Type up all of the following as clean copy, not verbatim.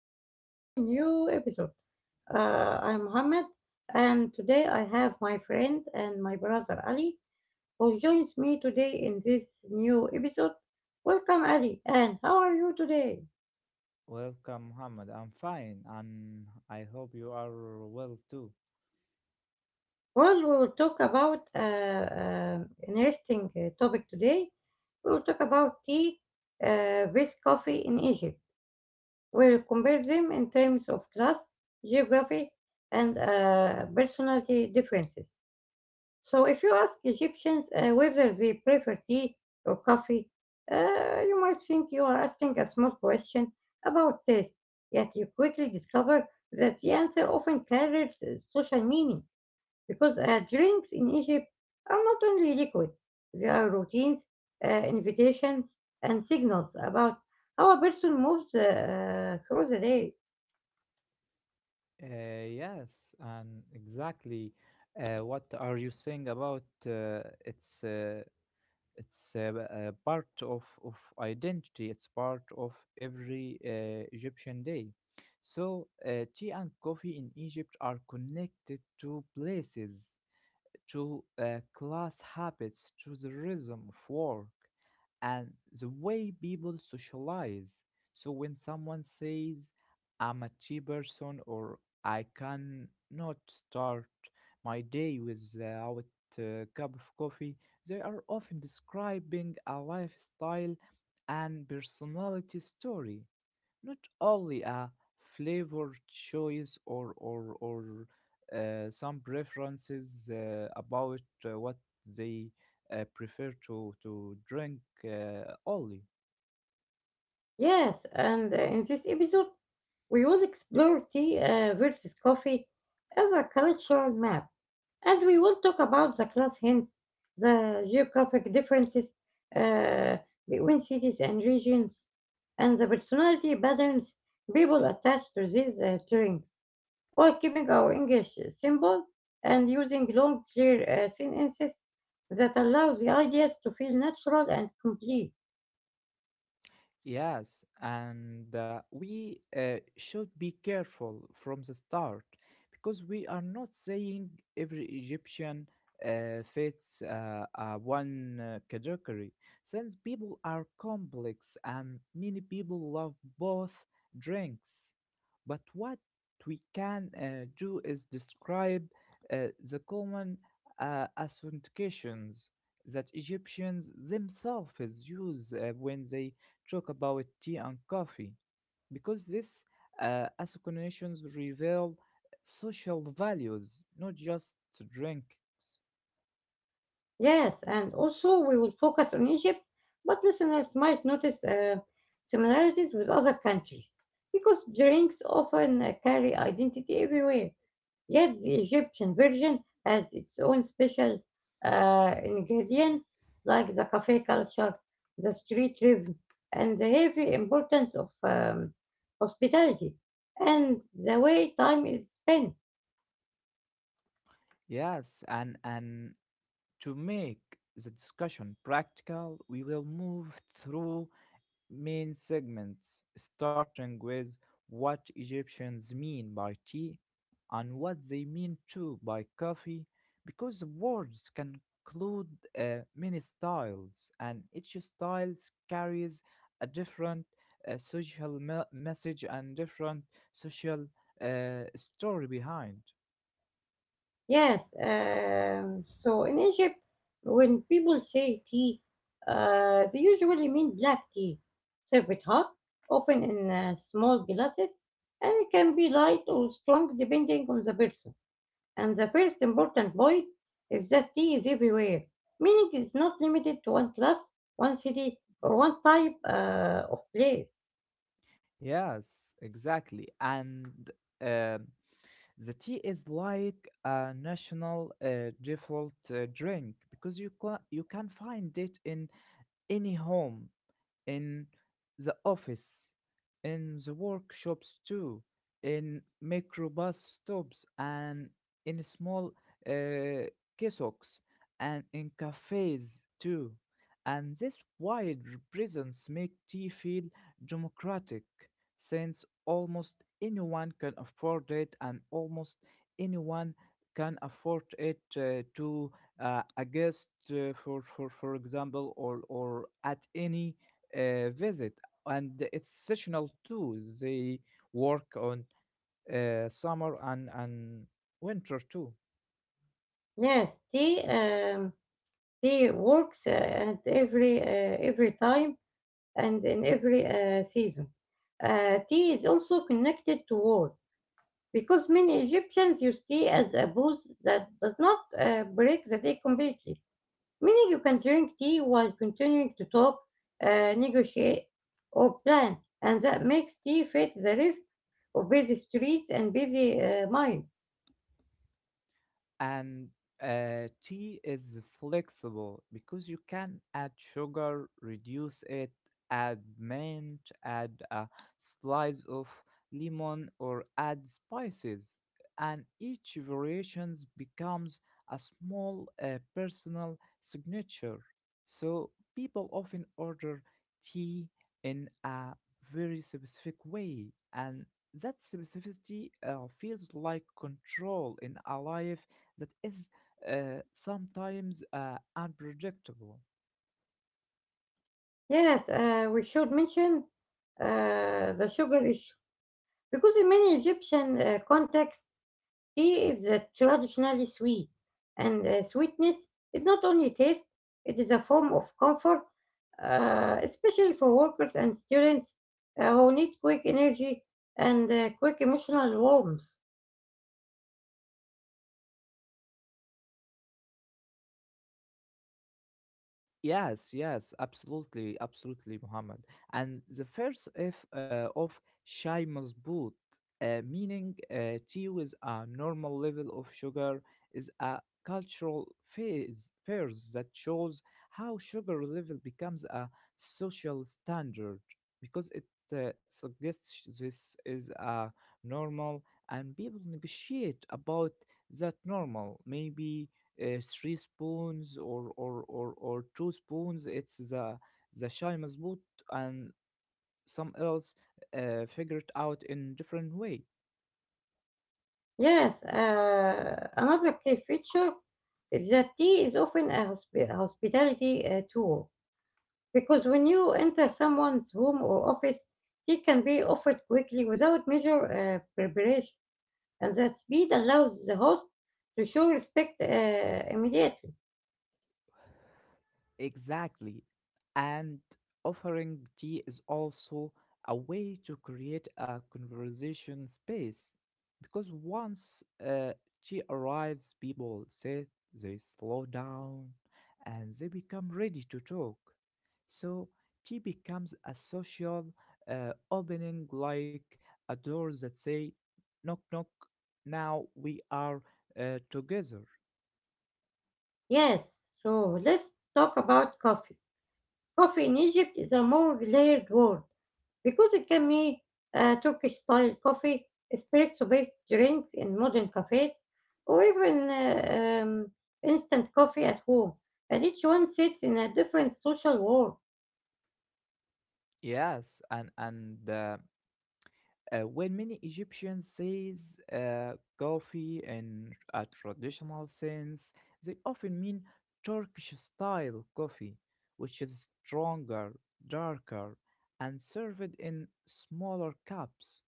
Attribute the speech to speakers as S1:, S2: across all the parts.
S1: welcome to our new episode. I'm Mohammed, and today I have my friend and my brother Ali, who joins me today in this new episode. Welcome, Ali, and how are you today?
S2: Welcome, Muhammad. I'm fine, and I hope you are well too.
S1: Well, we will talk about interesting topic today. We will talk about tea with coffee in Egypt. We'll compare them in terms of class, geography, and personality differences. So if you ask Egyptians whether they prefer tea or coffee, you might think you are asking a small question about taste, yet you quickly discover that the answer often carries social meaning because drinks in Egypt are not only liquids, they are routines, invitations, and signals about how a person moves through the day.
S2: Yes, and exactly. What are you saying about part of identity. It's part of every Egyptian day. So tea and coffee in Egypt are connected to places. To class habits, to the rhythm of work, and the way people socialize. So when someone says, I'm a cheap person, or I cannot start my day without a cup of coffee, they are often describing a lifestyle and personality story, not only a flavor choice or some preferences about what they prefer to drink only.
S1: Yes, and in this episode, we will explore tea versus coffee as a cultural map, and we will talk about the class hints, the geographic differences uh, between cities and regions, and the personality patterns people attach to these drinks, while keeping our English simple and using long, clear sentences that allow the ideas to feel natural and complete.
S2: Yes, and we should be careful from the start because we are not saying every Egyptian fits one category. Since people are complex and many people love both drinks, but what we can do is describe the common authentications that Egyptians themselves use when they talk about tea and coffee, because these associations reveal social values, not just drinks.
S1: Yes, and also we will focus on Egypt, but listeners might notice similarities with other countries because drinks often carry identity everywhere. Yet the Egyptian version has its own special ingredients like the cafe culture, the street rhythm, and the heavy importance of hospitality and the way time is spent.
S2: Yes, and to make the discussion practical, we will move through main segments, starting with what Egyptians mean by tea and what they mean too by coffee, because words can include many styles, and each style carries a different message and different social story behind.
S1: Yes, so in Egypt, when people say tea, they usually mean black tea, served hot, often in small glasses, and it can be light or strong depending on the person. And the first important point is that tea is everywhere, meaning it's not limited to one class, one city, or one type of place.
S2: Yes, exactly. And um the tea is like a national default drink, because you can find it in any home, in the office, in the workshops too, in microbus stops, and in small uh, kiosks, and in cafes too. And this wide presence make tea feel democratic, since almost anyone can afford it, and almost anyone can afford it to a guest for example, or at any visit. And it's seasonal too, they work on summer and winter too.
S1: Yes, tea, tea works at every time and in every season. Tea is also connected to war because many Egyptians use tea as a booze that does not break the day completely, meaning you can drink tea while continuing to talk, negotiate, or plan, and that makes tea fit the rhythm of busy streets and busy minds.
S2: And tea is flexible because you can add sugar, reduce it, add mint, add a slice of lemon, or add spices. And each variations becomes a small personal signature. So people often order tea in a very specific way, and that specificity feels like control in a life that is sometimes unpredictable.
S1: Yes, we should mention the sugar issue because in many Egyptian contexts, tea is traditionally sweet, and sweetness is not only taste, it is a form of comfort, especially for workers and students who need quick energy and quick emotional warmth.
S2: Yes, yes, absolutely, absolutely, Muhammad. And the first F of shy mazboot, meaning tea with a normal level of sugar, is a cultural phase that shows how sugar level becomes a social standard, because it suggests this is a normal, and people negotiate about that normal. Maybe three spoons or two spoons, it's the shy mazboot, and some else figure it out in different way.
S1: Yes, another key feature is that tea is often a hospitality tool because when you enter someone's home or office, tea can be offered quickly without major preparation, and that speed allows the host to show respect immediately.
S2: Exactly. And offering tea is also a way to create a conversation space, because once tea arrives, people sit, they slow down, and they become ready to talk. So tea becomes a social opening, like a door that say, "Knock, knock." Now we are together.
S1: Yes, so let's talk about coffee. Coffee in Egypt is a more layered world because it can be Turkish style coffee, espresso based drinks in modern cafes, or even instant coffee at home. And each one sits in a different social world.
S2: Yes, and and. When many Egyptians says coffee in a traditional sense, they often mean Turkish style coffee, which is stronger, darker, and served in smaller cups.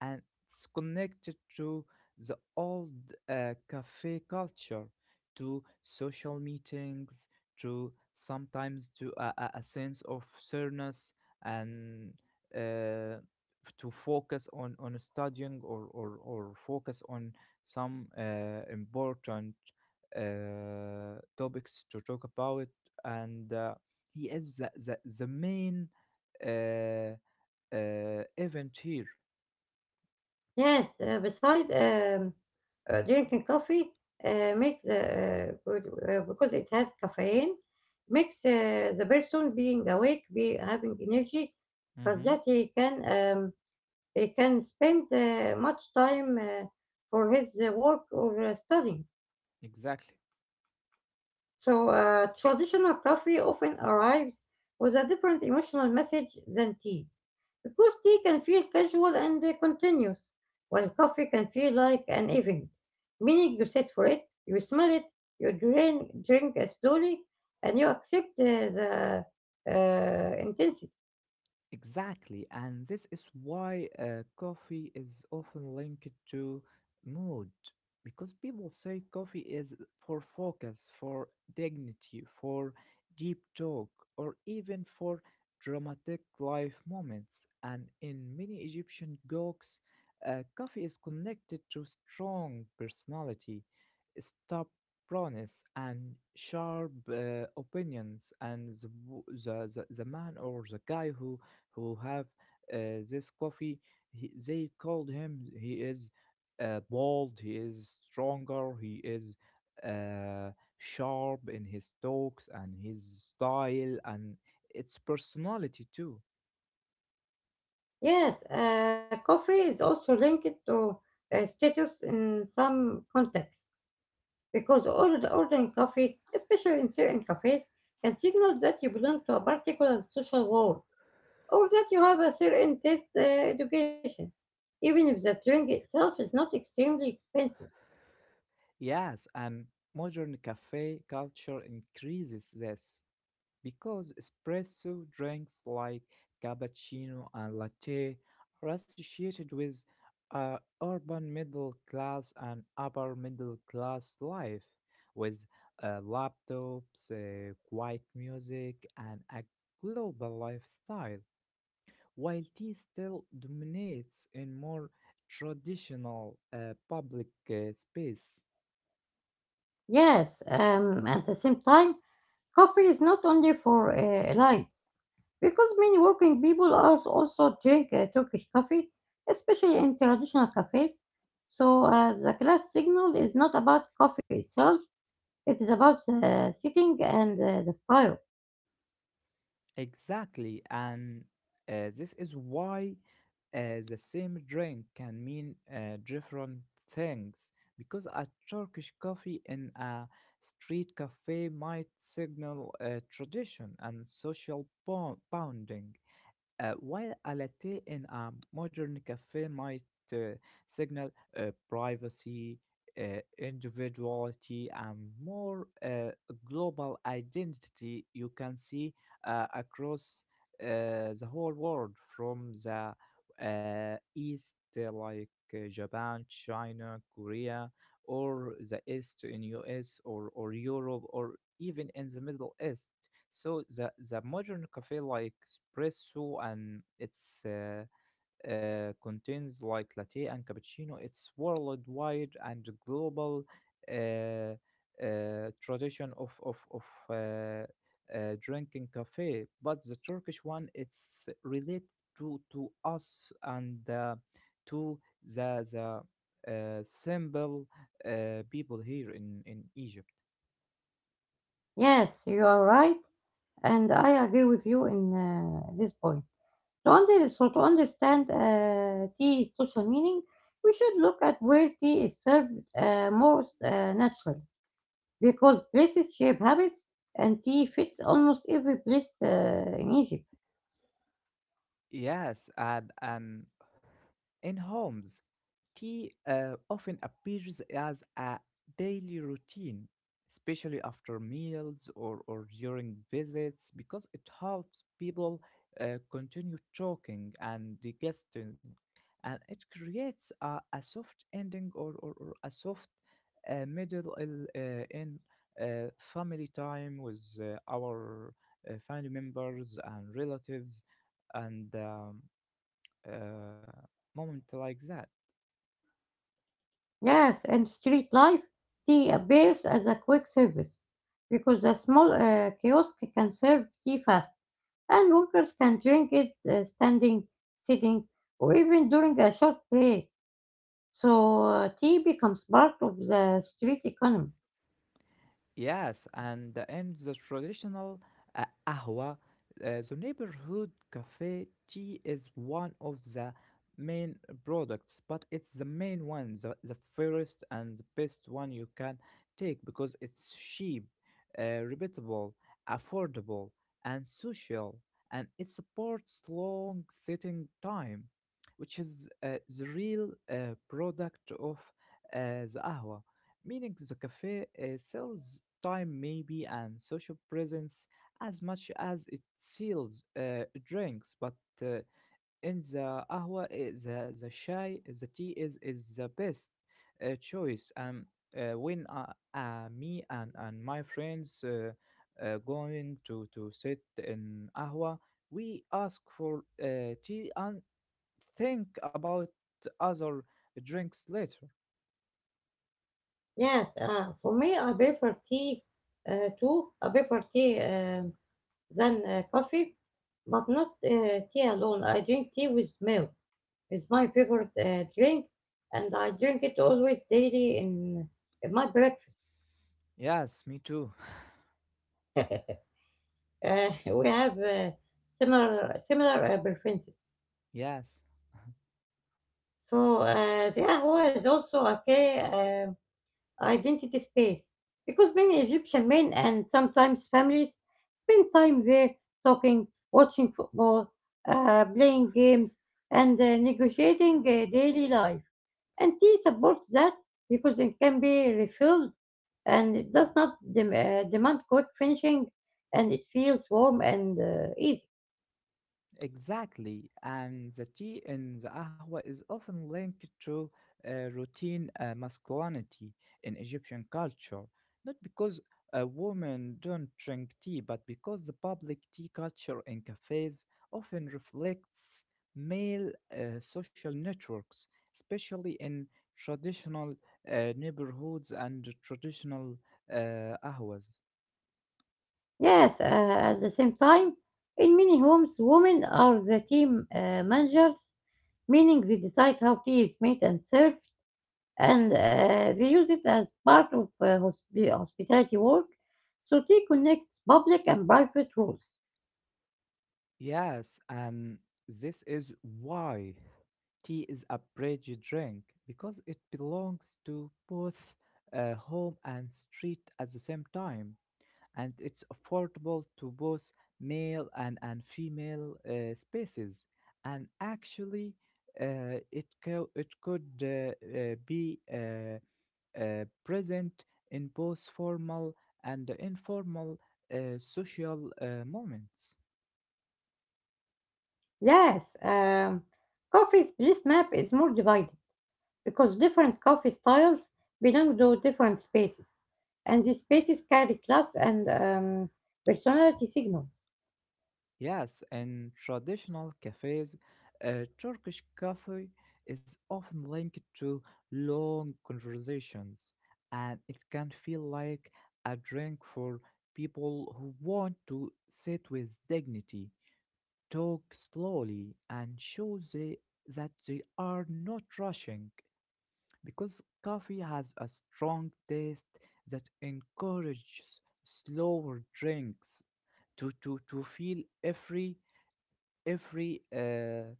S2: And it's connected to the old cafe culture, to social meetings, to sometimes to a sense of fairness, and uh, to focus on studying, or focus on some important topics to talk about, and he is the main uh, event here.
S1: Yes, beside drinking coffee makes because it has caffeine makes the person being awake be having energy because
S2: Hmm.
S1: that he can spend much time for his work or studying.
S2: Exactly.
S1: So traditional coffee often arrives with a different emotional message than tea because tea can feel casual and continuous, while coffee can feel like an event, meaning you sit for it, you smell it, you drink slowly, and you accept the intensity.
S2: Exactly, and this is why coffee is often linked to mood, because people say coffee is for focus, for dignity, for deep talk, or even for dramatic life moments. And in many Egyptian jokes, coffee is connected to strong personality, stubbornness, and sharp opinions, and the man or the guy who have this coffee. They called him. He is bold. He is stronger. He is uh, sharp in his talks and his style and its personality too.
S1: Yes, coffee is also linked to status in some contexts, because ordering coffee, especially in certain cafes, can signal that you belong to a particular social world or that you have a certain taste education, even if the drink itself is not extremely expensive.
S2: Yes, and modern cafe culture increases this, because espresso drinks like cappuccino and latte are associated with urban middle class and upper middle class life, with laptops, quiet music, and a global lifestyle, while tea still dominates in more traditional public space.
S1: Yes, at the same time, coffee is not only for elites, because many working people are also drink Turkish coffee, especially in traditional cafes. So the class signal is not about coffee itself; it is about the sitting and the style.
S2: Exactly, and this is why the same drink can mean different things. Because a Turkish coffee in a street cafe might signal a tradition and social bonding, while a latte in a modern cafe might uh, signal uh, privacy, individuality, and more global identity. You can see across uh, the whole world, from the East, like Japan, China, Korea, or the East in US, or Europe, or even in the Middle East. So the modern cafe like espresso and its contains like latte and cappuccino. It's worldwide and global uh, tradition of drinking cafe, but the turkish one, it's related to us, and to the simple people here in egypt.
S1: Yes, you are right, and I agree with you in this point. To under so to understand tea's social meaning, we should look at where tea is served most naturally, because places shape habits, and tea fits almost every place in Egypt.
S2: Yes, and in homes, tea often appears as a daily routine, especially after meals or during visits, because it helps people continue talking and digesting, and it creates a soft ending or a soft middle in family time, with our family members and relatives, and uh, moment like that.
S1: Yes, and street life, tea appears as a quick service, because a small kiosk can serve tea fast, and workers can drink it standing, sitting, or even during a short break. So tea becomes part of the street economy.
S2: Yes, and the end the traditional ahwa, the neighborhood cafe, tea is one of the main products, but it's the main one, the fairest and the best one you can take, because it's cheap, repeatable, affordable, and social, and it supports long sitting time, which is the real product of the ahwa, meaning the cafe sells time maybe and social presence as much as it sells drinks. But uh, in the ahwa the chai, the tea is the best choice. When me and my friends going to sit in ahwa, we ask for tea and think about other drinks later.
S1: Yes, for me, I prefer tea too. I prefer tea than coffee, but not tea alone. I drink tea with milk. It's my favorite drink, and I drink it always daily in my breakfast.
S2: Yes, me too.
S1: We have similar preferences.
S2: Yes.
S1: So the ahwa is also okay. Identity space because many Egyptian men and sometimes families spend time there talking, watching football, playing games, and negotiating daily life. And tea supports that because it can be refilled and it does not demand quick finishing and it feels warm and easy.
S2: Exactly, and the tea in the ahwa is often linked to routine masculinity in Egyptian culture, not because women don't drink tea, but because the public tea culture in cafes often reflects male social networks, especially in traditional neighborhoods and traditional ahwas.
S1: Yes, at the same time, in many homes, women are the team managers, meaning they decide how tea is made and served, and they use it as part of hospitality work. So tea connects public and private roles.
S2: Yes, and this is why tea is a bridge drink, because it belongs to both home and street at the same time, and it's affordable to both male and female spaces. And actually, it could be present in both formal and informal social moments.
S1: Yes, coffee's place map is more divided because different coffee styles belong to different spaces, and these spaces carry class and personality signals.
S2: Yes, in traditional cafes, Turkish coffee is often linked to long conversations, and it can feel like a drink for people who want to sit with dignity, talk slowly, and show that they are not rushing. Because coffee has a strong taste that encourages slower drinks to feel every uh,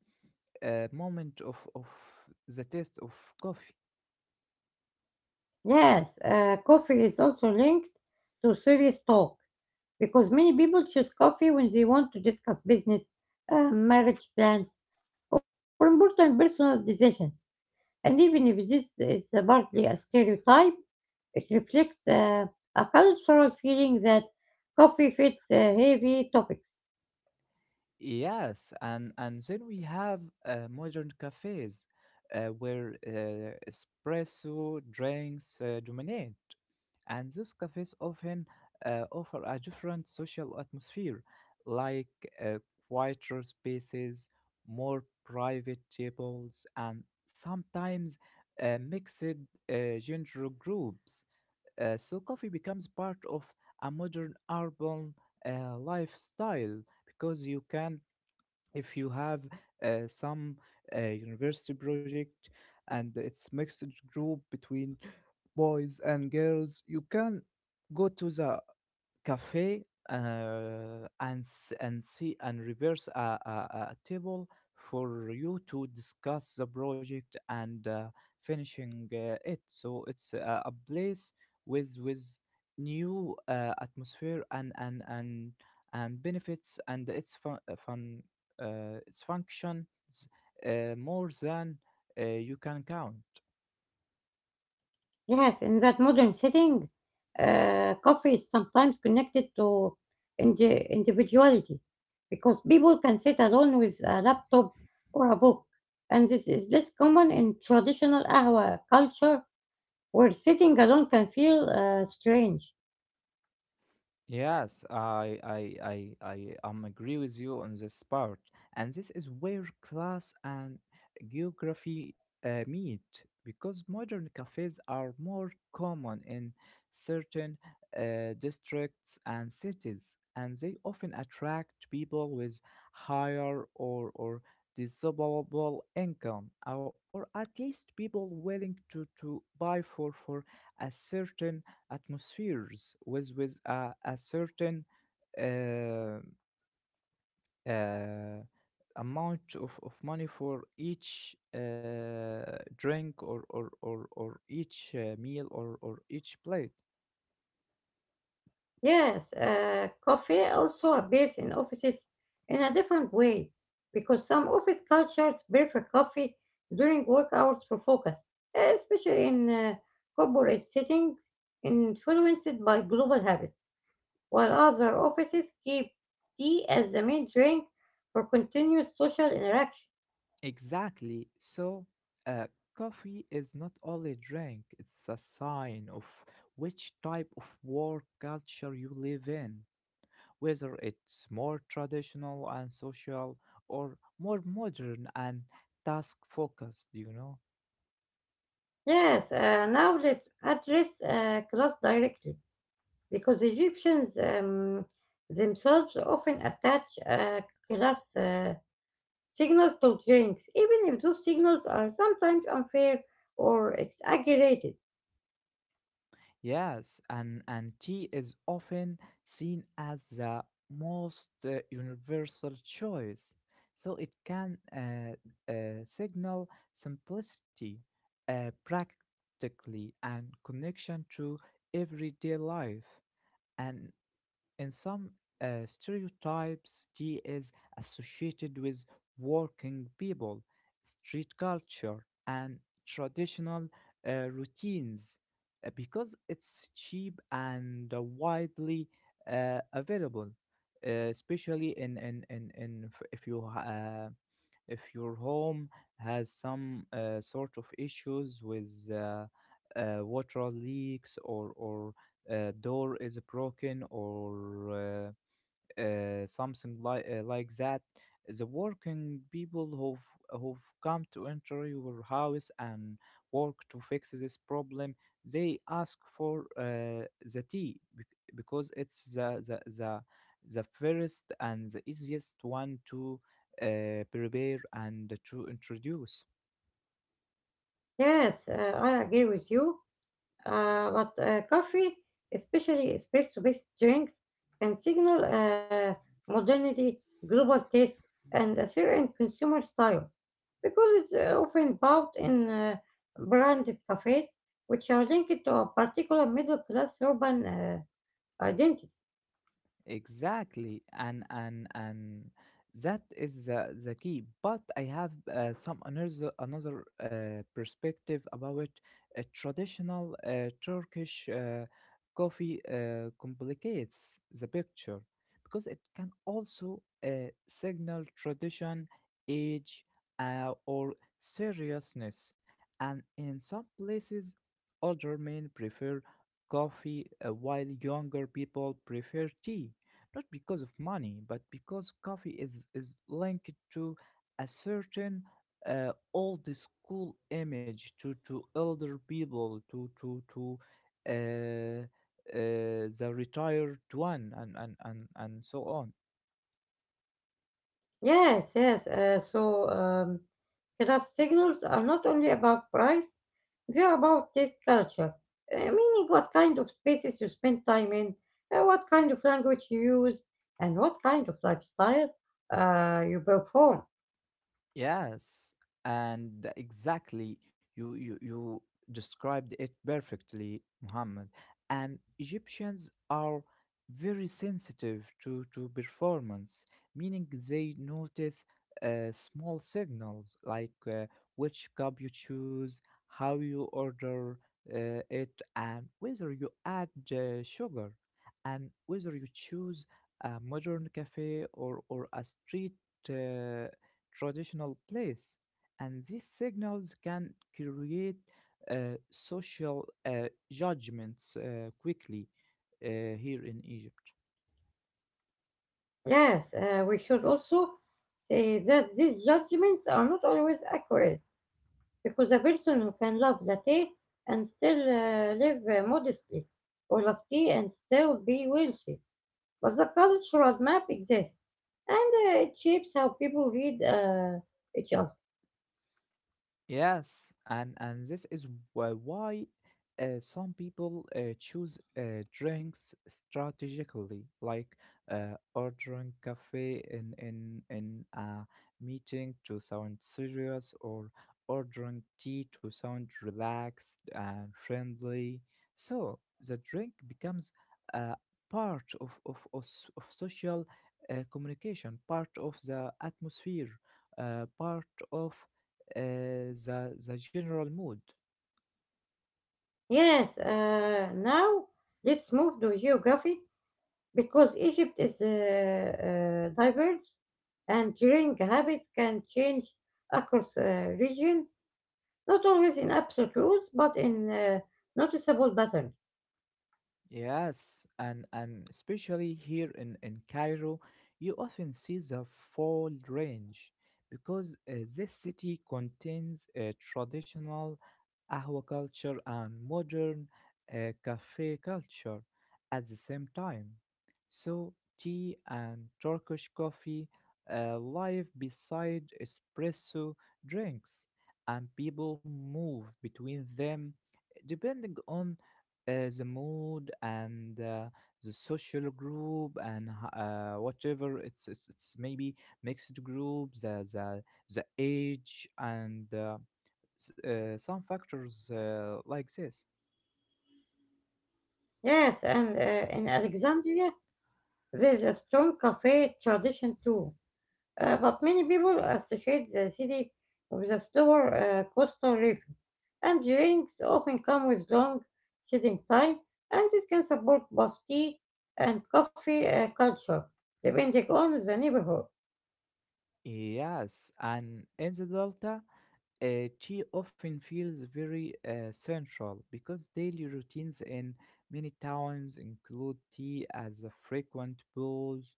S2: uh, moment of the taste of coffee.
S1: Yes, coffee is also linked to serious talk because many people choose coffee when they want to discuss business, marriage plans, or important personal decisions. And even if this is partly a stereotype, it reflects a cultural feeling that coffee fits heavy topics.
S2: Yes, and then we have modern cafes where espresso drinks dominate. And those cafes often offer a different social atmosphere, like uh, quieter spaces, more private tables, and sometimes mixed gender groups. So coffee becomes part of a modern urban lifestyle, because you can, if you have some university project, and it's mixed group between boys and girls, you can go to the cafe and see and reverse a table for you to discuss the project and finishing it. So it's a place with new atmosphere and benefits, and its fun, its functions more than you can count.
S1: Yes, in that modern setting, coffee is sometimes connected to individuality because people can sit alone with a laptop or a book, and this is less common in traditional ahwa culture where sitting alone can feel strange.
S2: Yes, I agree with you on this part. And this is where class and geography meet, because modern cafes are more common in certain districts and cities, and they often attract people with higher or disposable income, or at least people willing to, buy for a certain atmospheres with a certain uh, uh, amount of money for each drink, or or each meal, or each plate.
S1: Yes, coffee also appears in offices in a different way because some office cultures prefer coffee during work hours for focus, especially in corporate settings influenced by global habits, while other offices keep tea as the main drink for continuous social interaction.
S2: Exactly. So, uh, coffee is not only a drink, it's a sign of which type of work culture you live in. Whether it's more traditional and social, or more modern and task focused, you know?
S1: Yes, now let's address class directly, because Egyptians themselves often attach class signals to drinks, even if those signals are sometimes unfair or exaggerated.
S2: Yes, and tea is often seen as the most universal choice. So it can uh, signal simplicity, practically, and connection to everyday life. And In some stereotypes, tea is associated with working people, street culture, and traditional routines because it's cheap and widely available, especially in if you if your home has some sort of issues with water leaks or or door is broken or something like that. The working people who've come to enter your house and work to fix this problem, they ask for the tea because it's the first and the easiest one to prepare and to introduce.
S1: Yes, I agree with you, but coffee, especially espresso based drinks, can signal modernity, global taste, and a certain consumer style, because it's often bought in branded cafes, which are linked to a particular middle class urban identity.
S2: Exactly, and that is the key. But I have some another perspective about a traditional Turkish coffee complicates the picture because it can also signal tradition, age, or seriousness. And in some places, older men prefer coffee, while younger people prefer tea not because of money, but because coffee is linked to a certain old school image to elder people, to uh, the retired one, and so on.
S1: Yes, yes. So class signals are not only about price, they are about taste culture, meaning what kind of spaces you spend time in, what kind of language you use, and what kind of lifestyle you perform.
S2: Yes, and exactly, you described it perfectly, Muhammad. And Egyptians are very sensitive to performance, meaning they notice small signals like which cup you choose, how you order it, and whether you add sugar, and whether you choose a modern cafe or a street. Uh, Traditional place, and these signals can create social judgments quickly here in Egypt.
S1: Yes, we should also say that these judgments are not always accurate because a person who can love latte and still live modestly, or love tea and still be wealthy. But the cultural map exists, and it shapes how people read each other.
S2: Yes, and this is why some people choose drinks strategically, like ordering cafe in a meeting to sound serious, or ordering tea to sound relaxed and friendly. So the drink becomes a part of social communication, part of the atmosphere, part of uh, the general mood.
S1: Yes, now let's move to geography because Egypt is diverse, and drink habits can change across region, not always in absolute rules, but in noticeable patterns.
S2: Yes, and especially here in Cairo, you often see the full range because this city contains traditional aquaculture and modern cafe culture at the same time. So, tea and Turkish coffee live beside espresso drinks, and people move between them depending on the mood and the social group and whatever it's, it's maybe mixed group the age and some factors like this.
S1: Yes, and in Alexandria, there's a strong cafe tradition too. But many people associate the city with a slower coastal rhythm, and drinks often come with long sitting time, and this can support both tea and coffee culture, depending on the neighborhood.
S2: Yes, and in the Delta, uh, she often feels very central because daily routines in many towns include tea as a frequent pause,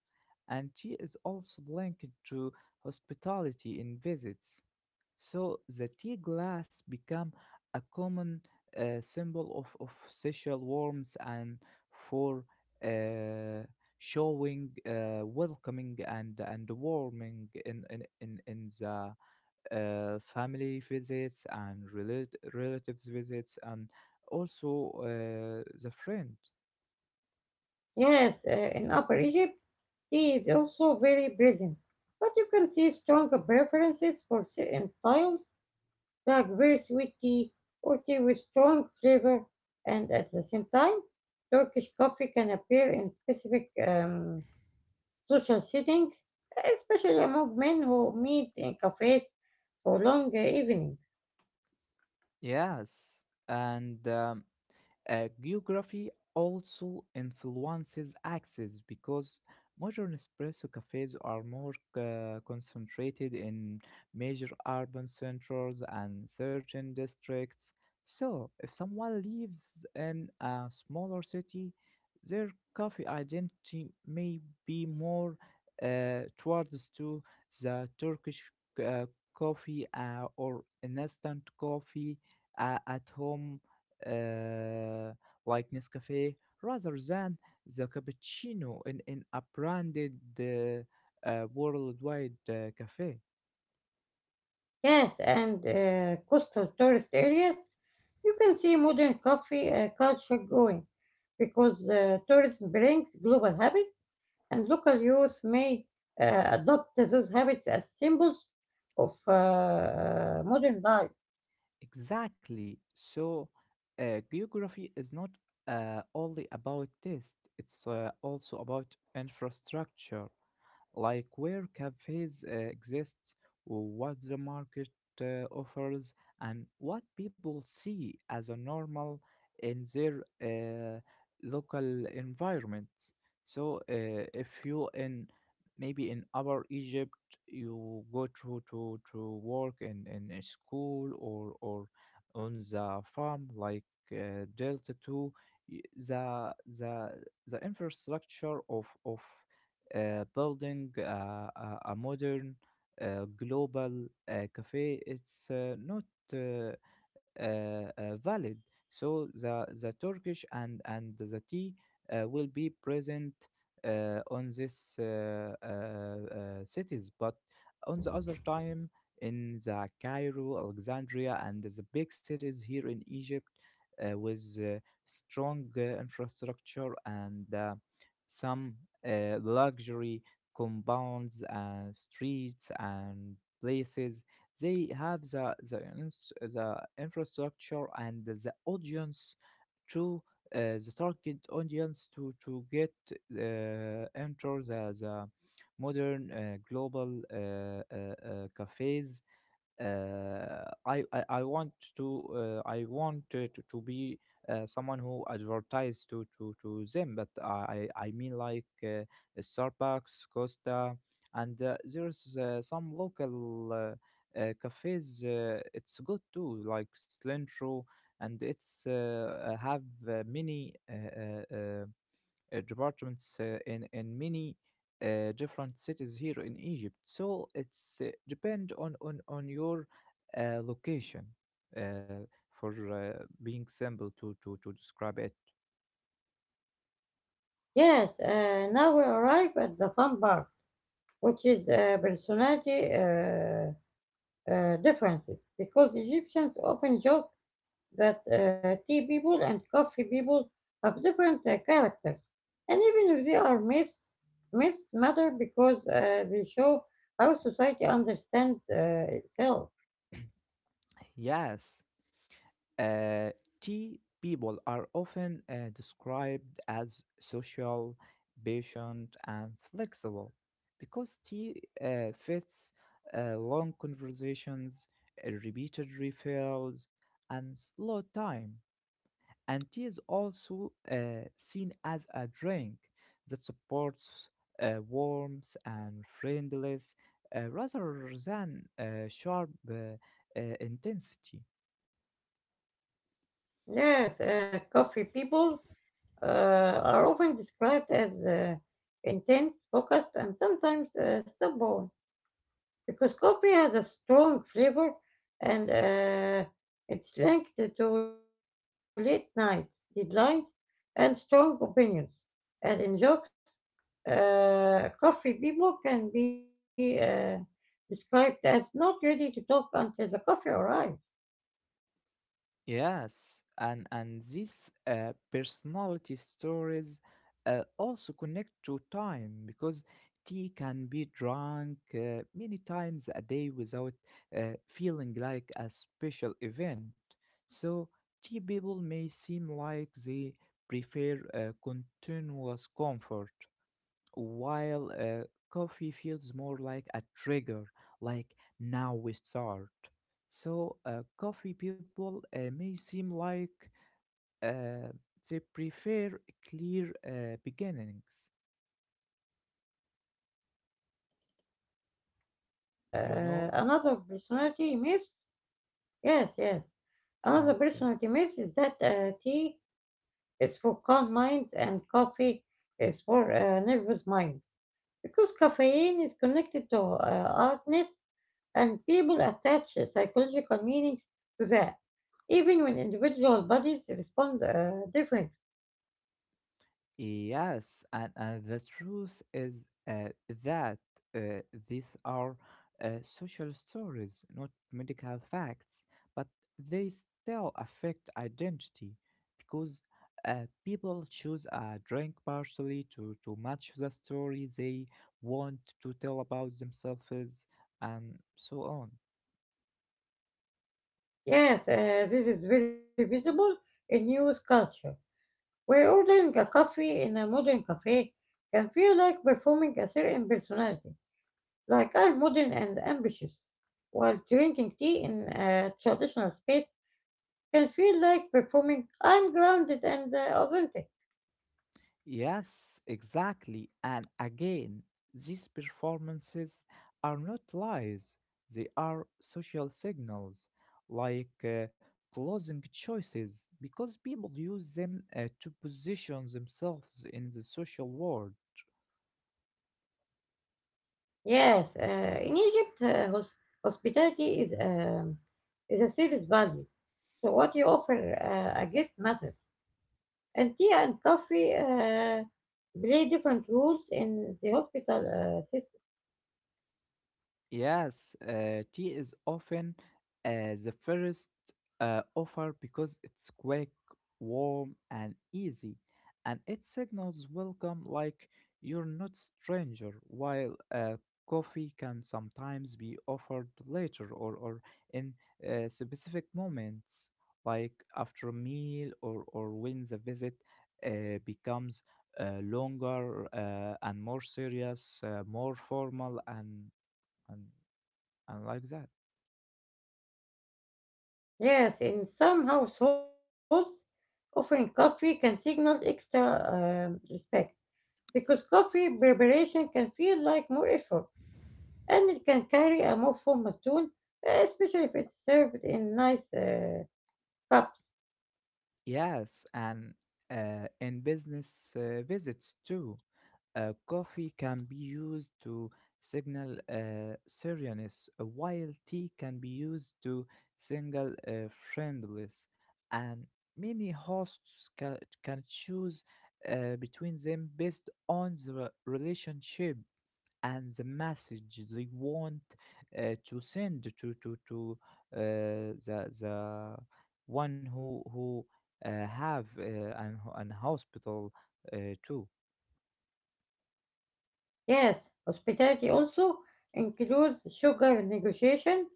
S2: and tea is also linked to hospitality in visits. So the tea glass became a common symbol of social warmth and for uh, showing welcoming and warming in the family visits and relatives visits and also the friend.
S1: Yes, in Upper Egypt, tea is also very present, but you can see strong preferences for certain styles like very sweet tea or tea with strong flavor, and at the same time, Turkish coffee can appear in specific social settings, especially among men who meet in cafes for long evenings.
S2: Yes and Geography also influences access because modern espresso cafes are more concentrated in major urban centers and certain districts. So, if someone lives in a smaller city, their coffee identity may be more towards to the Turkish uh, coffee or instant coffee at home uh, like Nescafe rather than the cappuccino in a branded worldwide cafe.
S1: Yes, and coastal tourist areas, you can see modern coffee culture growing because tourism brings global habits, and local youth may adopt those habits as symbols of modern life.
S2: Exactly. So, geography is not only about taste, it's also about infrastructure, like where cafes exist, what the market offers, and what people see as a normal in their local environments. So, if you in maybe in our Egypt, you go to work in a school or on the farm like Delta Two, the the infrastructure of building a modern global cafe, it's not uh, uh, valid, so the turkish and the tea will be present on this cities, but on the other time in the Cairo, Alexandria and the big cities here in Egypt with strong infrastructure and some luxury compounds and streets and places, they have the infrastructure and the audience to uh, the target audience to get enter the modern global cafes. I want to I want to be someone who advertise to them, but I mean like Starbucks, Costa, and there's some local cafes. It's good too, like Slintro, and it's have many uh, departments in many different cities here in Egypt. So it's depend on your location. Uh, for being simple to describe it,
S1: Yes, now we arrive at the fun part, which is personality differences, because Egyptians often joke that tea people and coffee people have different characters. And even if they are myths, myths matter because they show how society understands itself.
S2: yes, uh, tea people are often described as social, patient, and flexible because tea fits long conversations, repeated refills, and slow time. And tea is also seen as a drink that supports warmth and friendliness rather than sharp intensity.
S1: Yes, coffee people are often described as intense, focused, and sometimes stubborn, because coffee has a strong flavor and it's linked to late nights, deadlines, and strong opinions. And in jokes, coffee people can be described as not ready to talk until the coffee arrives.
S2: Yes, and these personality stories also connect to time because tea can be drunk many times a day without feeling like a special event. So tea people may seem like they prefer continuous comfort, while coffee feels more like a trigger, like now we start. So, coffee people may seem like uh, they prefer clear beginnings, you know?
S1: Another personality myth. Yes, yes.
S2: Ah,
S1: Another
S2: okay.
S1: personality myth is that tea is for calm minds and coffee is for nervous minds. Because caffeine is connected to alertness and people attach psychological meanings to that, even when individual bodies respond differently.
S2: Yes, and the truth is uh, that uh, these are social stories, not medical facts, but they still affect identity because people choose a drink partially to match the story they want to tell about themselves and so on.
S1: Yes, this is very visible in news culture. We're ordering a coffee in a modern cafe can feel like performing a certain personality, like I'm modern and ambitious, while drinking tea in a traditional space can feel like performing I'm grounded and authentic.
S2: Yes, exactly. And again, these performances are not lies, they are social signals, like clothing choices, because people use them to position themselves in the social world.
S1: Yes, in Egypt, hospitality is a serious value, so what you offer a guest matters. And tea and coffee play different roles in the hospital system.
S2: Yes, tea is often the first offer because it's quick, warm, and easy, and it signals welcome like you're not stranger, while coffee can sometimes be offered later or in specific moments, like after a meal or when the visit becomes longer and more serious, more formal, and I like that.
S1: Yes, in some households, offering coffee can signal extra respect because coffee preparation can feel like more effort and it can carry a more formal tone, especially if it's served in nice cups.
S2: Yes, and in business visits too, coffee can be used to signal seriousness, while tea can be used to signal friendliness. And many hosts can choose between them based on the relationship and the message they want to send to the one who have an hospital too.
S1: Yes, hospitality also includes sugar negotiation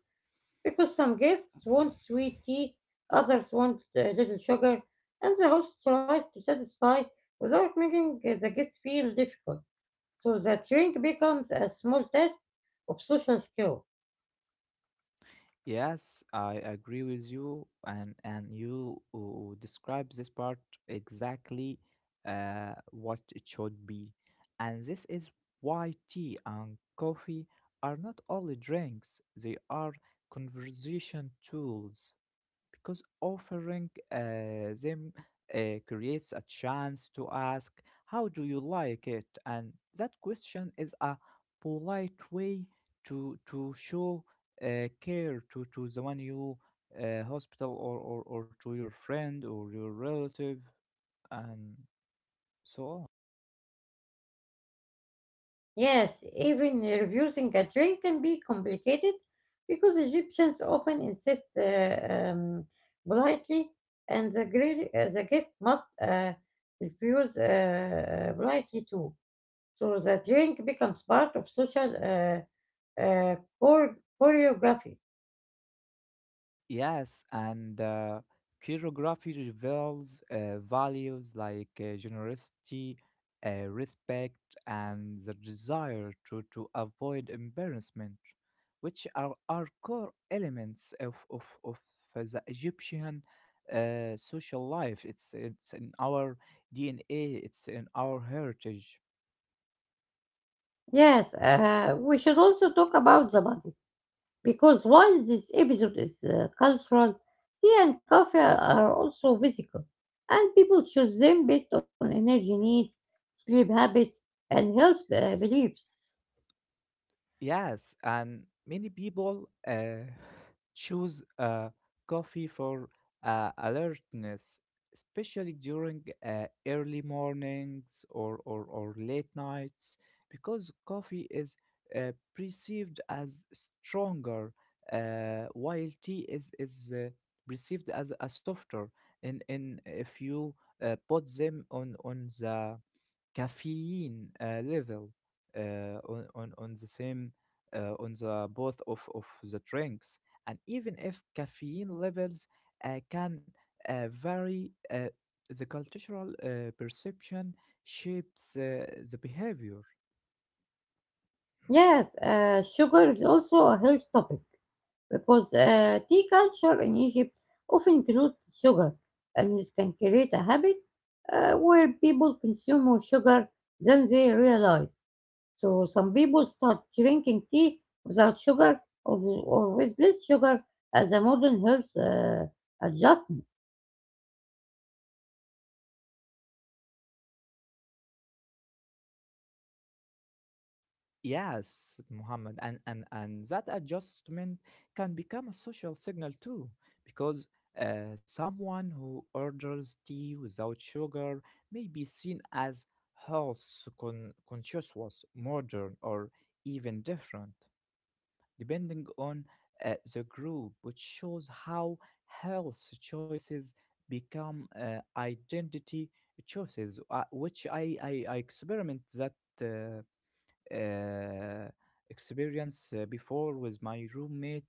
S1: because some guests want sweet tea, others want little sugar, and the host tries to satisfy without making the guest feel difficult. So the drink becomes a small test of social skill.
S2: Yes, I agree with you, and you describe this part exactly what it should be, and this is why tea and coffee are not only drinks; they are conversation tools because offering them creates a chance to ask, how do you like it? And that question is a polite way to show care to the one you hospital or to your friend or your relative and so on.
S1: Yes, even refusing a drink can be complicated because Egyptians often insist politely, and the guest must refuse politely too. So the drink becomes part of social choreography.
S2: Yes, and choreography reveals values like generosity, respect, and the desire to avoid embarrassment, which are core elements of the Egyptian social life. It's in our DNA, it's in our heritage.
S1: Yes, we should also talk about the body because while this episode is cultural, tea and coffee are also physical, and people choose them based on energy needs, sleep habits, and health beliefs.
S2: Yes, and many people choose coffee for alertness, especially during early mornings or late nights, because coffee is perceived as stronger, while tea is perceived as a softer. And if you put them on the caffeine level on the same on the both of the drinks, and even if caffeine levels can vary, the cultural perception shapes the behavior.
S1: Yes, sugar is also a health topic because tea culture in Egypt often includes sugar, and this can create a habit where people consume more sugar than they realize. So some people start drinking tea without sugar or with less sugar as a modern health adjustment.
S2: Yes, Muhammad, and that adjustment can become a social signal too, because someone who orders tea without sugar may be seen as health conscious, modern, or even different, depending on the group, which shows how health choices become identity choices, which I experiment that. Uh, uh, Experience before with my roommate.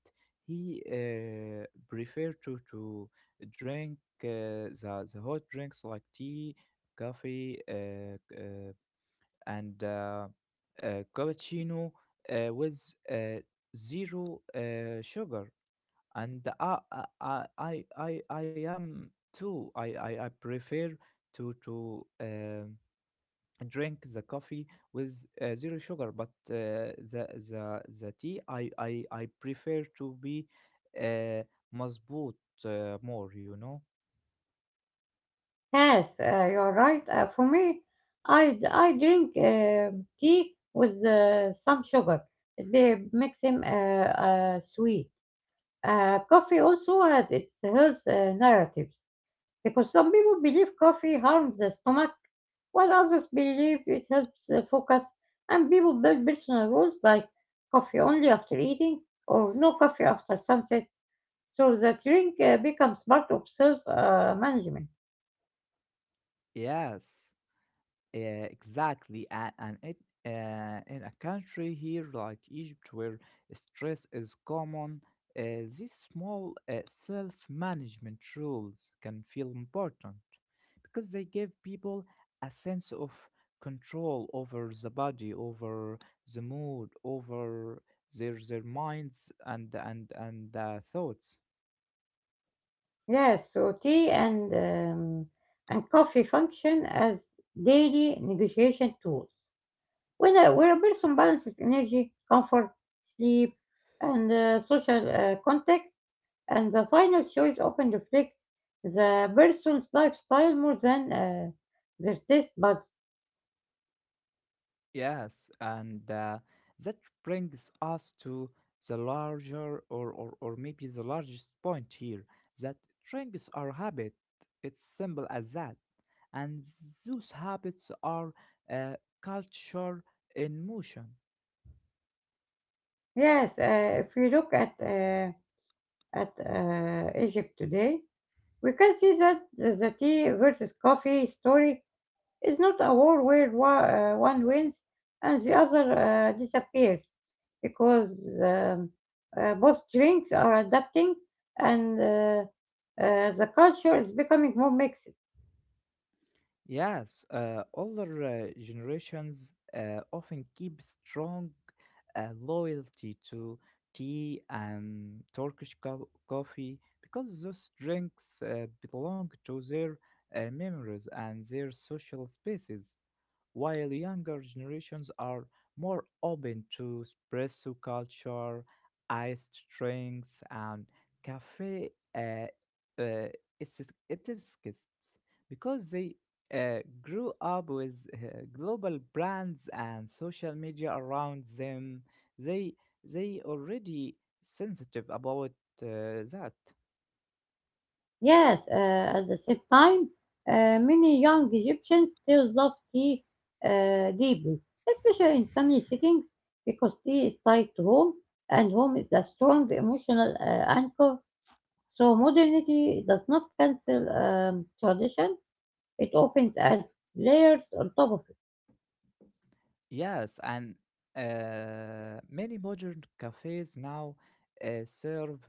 S2: He preferred to drink the hot drinks like tea, coffee, and cappuccino with uh, zero sugar. And I am too. I prefer to drink the coffee with zero sugar, but the tea I prefer to be uh, mazboot, more, you know?
S1: Yes, you're right. For me, I drink tea with some sugar. It be, makes him sweet. Coffee also has its health narratives. Because some people believe coffee harms the stomach, while others believe it helps focus, and people build personal rules like coffee only after eating or no coffee after sunset, so the drink becomes part of self management.
S2: Yes. Yeah, exactly. And it in a country here like Egypt where stress is common, uh, these small self-management rules can feel important because they give people a sense of control over the body, over the mood, over their minds and thoughts.
S1: Yes, so tea and coffee function as daily negotiation tools. When when a person balances energy, comfort, sleep, and social context, and the final choice often reflects the person's lifestyle more than their taste buds.
S2: Yes, and that brings us to the larger or maybe the largest point here that drinks are habit. It's simple as that. And those habits are uh, culture in motion.
S1: Yes, if we look at Egypt today, we can see that the tea versus coffee story is not a war where one wins and the other disappears, because um, both drinks are adapting and the culture is becoming more mixed.
S2: Yes, older generations often keep strong loyalty to tea and coffee because those drinks belong to their memories and their social spaces. While younger generations are more open to espresso culture, iced drinks, and cafe uh, etiquettes because they grew up with global brands and social media around them. They they already sensitive about that.
S1: Yes, at the same time, many young Egyptians still love tea deeply, especially in family settings, because tea is tied to home, and home is a strong emotional anchor. So modernity does not cancel tradition; it often adds layers on top of it.
S2: Yes, and many modern cafes now serve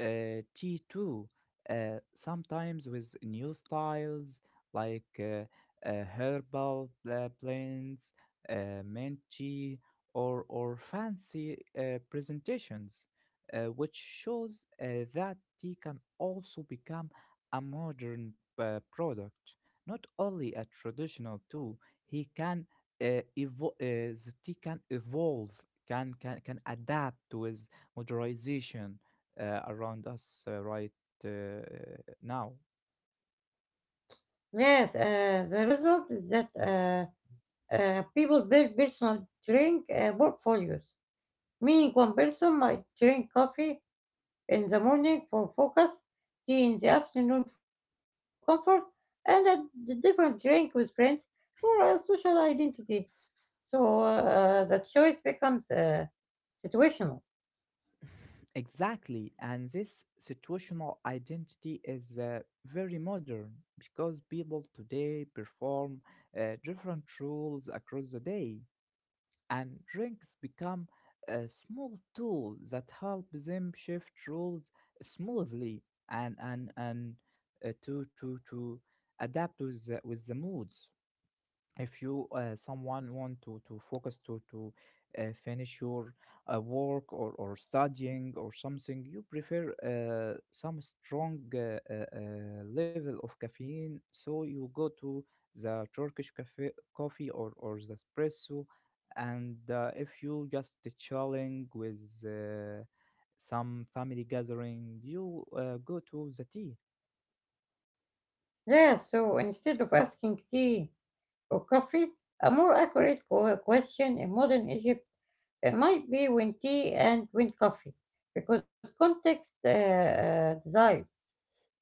S2: tea too, sometimes with new styles like herbal blends, mint tea, or fancy presentations, which shows that tea can also become a modern product. Not only a traditional tool, he can the tea can evolve, can adapt with modernization around us right now.
S1: Yes, the result is that people build personal drink portfolios, meaning one person might drink coffee in the morning for focus, tea in the afternoon for comfort, and different drink with friends for social identity. So the choice becomes situational.
S2: Exactly, and this situational identity is very modern because people today perform different roles across the day. And drinks become a small tool that help them shift roles smoothly and to adapt with with the moods if you someone want to focus to finish your work or studying or something. You prefer some strong level of caffeine, so you go to the turkish cafe coffee or the espresso. And if you just chilling with uh, some family gathering, you go to the tea.
S1: Yeah, so instead of asking tea or coffee, a more accurate question in modern Egypt might be when tea and when coffee, because context decides.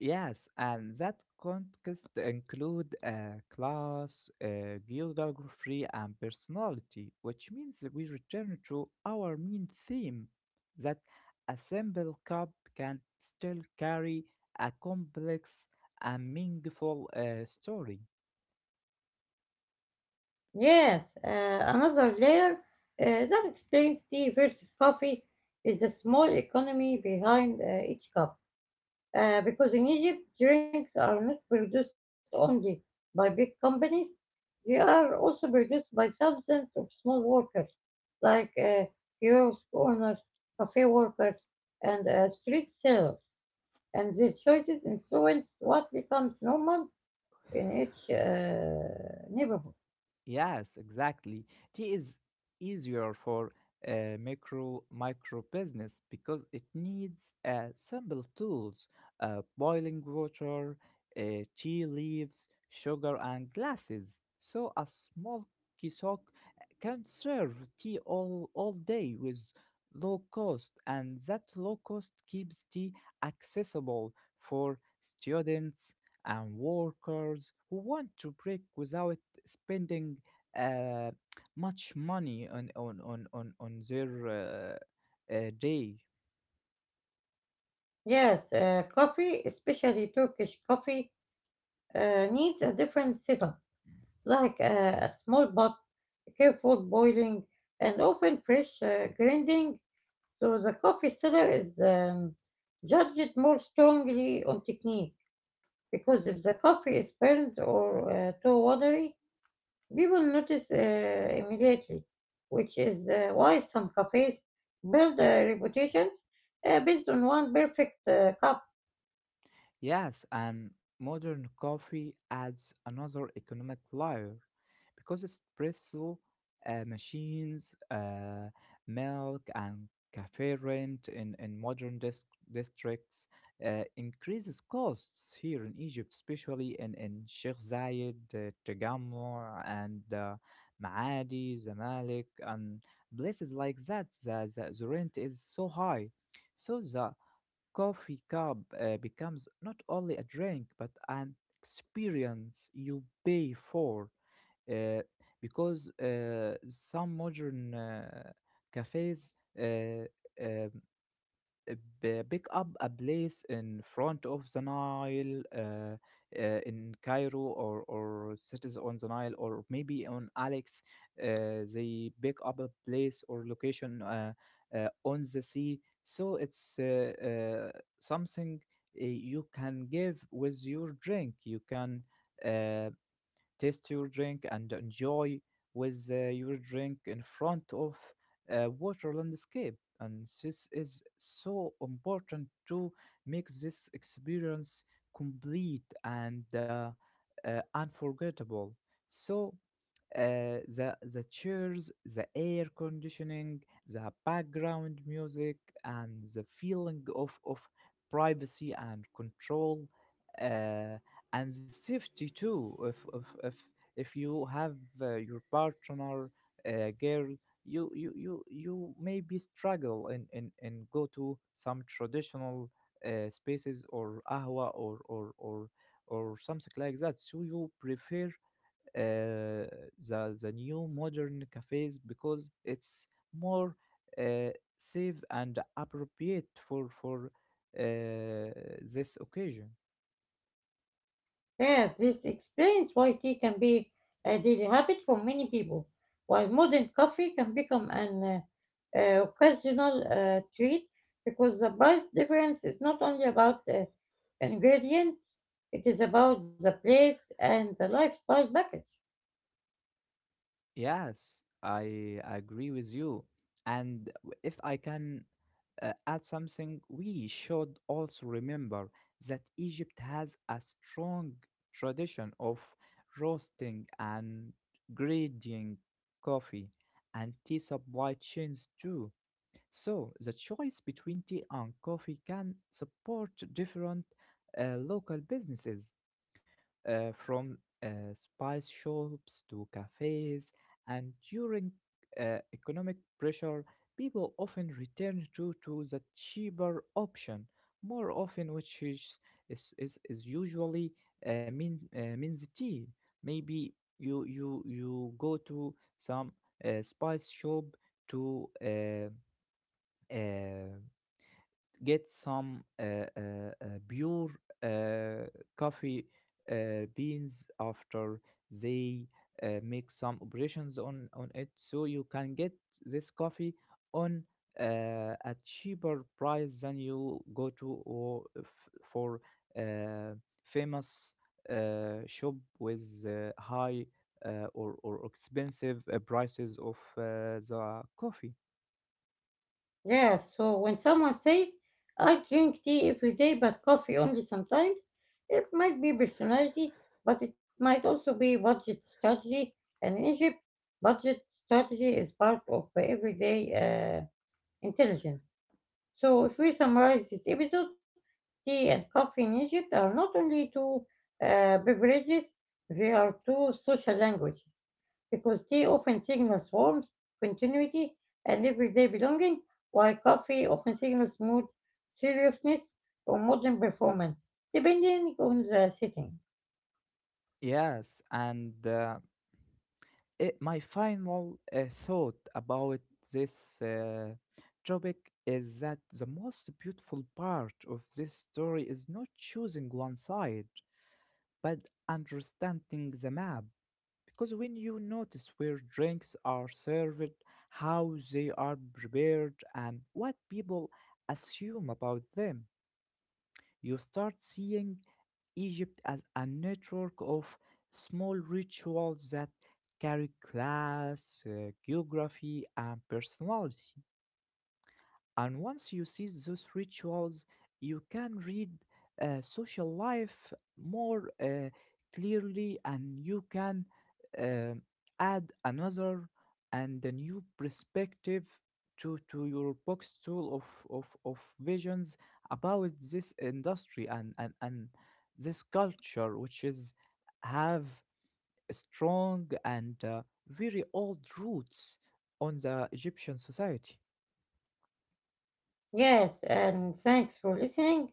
S2: Yes, and that context include class, geography, and personality, which means that we return to our main theme that a simple cup can still carry a complex and meaningful story.
S1: Yes, another layer that explains tea versus coffee is the small economy behind each cup. Because in Egypt, drinks are not produced only by big companies, they are also produced by thousands of small workers, like kiosk owners, cafe workers, and street sellers. And their choices influence what becomes normal in each neighborhood.
S2: Yes, exactly. Tea is easier for micro business because it needs simple tools: boiling water, uh, tea leaves, sugar, and glasses. So a small kiosk can serve tea all day with low cost, and that low cost keeps tea accessible for students and workers who want to break without spending uh, much money on their day.
S1: Yes, coffee, especially Turkish coffee, needs a different setup, like a small pot, careful boiling, and often fresh grinding. So the coffee seller is judged more strongly on technique because if the coffee is burnt or too watery, people notice immediately, which is why some cafes build reputations based on one perfect cup.
S2: Yes, and modern coffee adds another economic layer because espresso machines, milk, and cafe rent in modern districts increases costs here in Egypt, especially in Sheikh Zayed, Tagammar, and Maadi, Zamalek, and places like that. The rent is so high. So the coffee cup becomes not only a drink but an experience you pay for, uh, because some modern cafes uh, um, uh, pick up a place in front of the Nile in Cairo, or cities on the Nile, or maybe on Alex. They pick up a place or location on the sea. So it's something you can give with your drink. You can. Uh, Taste your drink and enjoy with your drink in front of a water landscape, and this is so important to make this experience complete and unforgettable. So the chairs, the air conditioning, the background music, and the feeling of privacy and control, uh, and the safety too. If if you have your partner, girl, you maybe struggle and go to some traditional spaces, or ahwa, or something like that. So you prefer uh, the new modern cafes because it's more uh, safe and appropriate for uh, this occasion.
S1: Yes, this explains why tea can be a daily habit for many people, while modern coffee can become an occasional treat because the price difference is not only about ingredients, it is about the place and the lifestyle package.
S2: Yes, I agree with you. And if I can add something, we should also remember that Egypt has a strong tradition of roasting and grading coffee and tea supply chains too. So, the choice between tea and coffee can support different local businesses, from spice shops to cafes. And during economic pressure, people often return to the cheaper option more often, which is usually means tea. Maybe you go to some spice shop to uh, get some pure uh, coffee beans after they make some operations on it, so you can get this coffee on a cheaper price than you go to, for uh, famous shop with high or expensive prices of the coffee.
S1: Yeah, so when someone says, I drink tea every day but coffee only sometimes, it might be personality, but it might also be budget strategy. And in Egypt, budget strategy is part of everyday intelligence. So, if we summarize this episode, tea and coffee in Egypt are not only two beverages, they are two social languages. Because tea often signals warmth, continuity, and everyday belonging, while coffee often signals mood, seriousness, or modern performance, depending on the setting.
S2: Yes and My final thought about this topic is that the most beautiful part of this story is not choosing one side, but understanding the map. Because when you notice where drinks are served, how they are prepared, and what people assume about them, you start seeing Egypt as a network of small rituals that carry class, geography, and personality. And once you see those rituals, you can read social life more clearly, and you can uh, add another and a new perspective to your box tool of visions about this industry, and this culture, which is have strong and very old roots on the Egyptian society.
S1: Yes, and thanks for listening.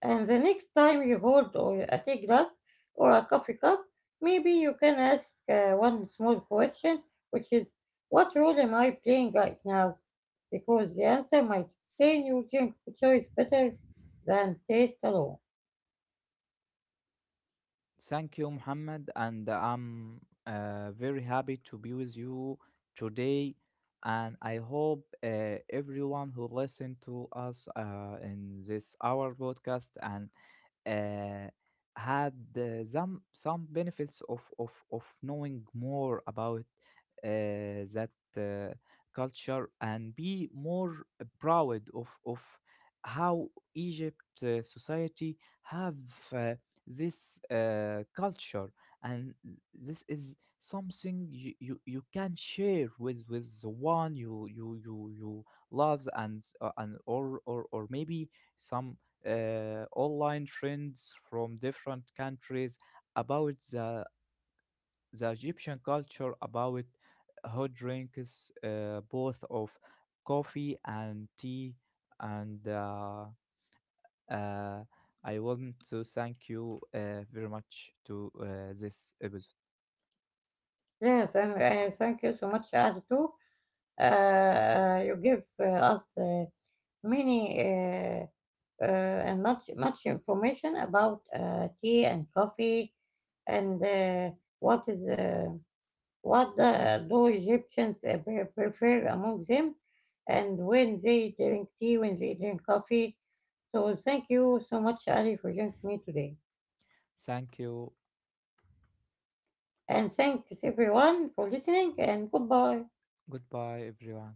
S1: And the next time you hold or a tea glass or a coffee cup, maybe you can ask one small question, which is, what role am I playing right now? Because the answer might explain your drink choice better than taste alone.
S2: Thank you, Muhammad, and I'm very happy to be with you today. And I hope everyone who listened to us in this our podcast and uh, had some benefits of knowing more about uh, that uh, culture, and be more proud of how Egypt society have uh, this culture. And this is something you can share with the one you loves, and or maybe some online friends from different countries about the Egyptian culture about hot drinks, both of coffee and tea. And uh, I want to thank you very much to this episode.
S1: Yes, and thank you so much, Artu. You give us many and much much information about tea and coffee and what is what the, do Egyptians prefer among them? And when they drink tea, when they drink coffee. So thank you so much, Ali, for joining me today.
S2: Thank you.
S1: And thanks everyone for listening and goodbye.
S2: Goodbye, everyone.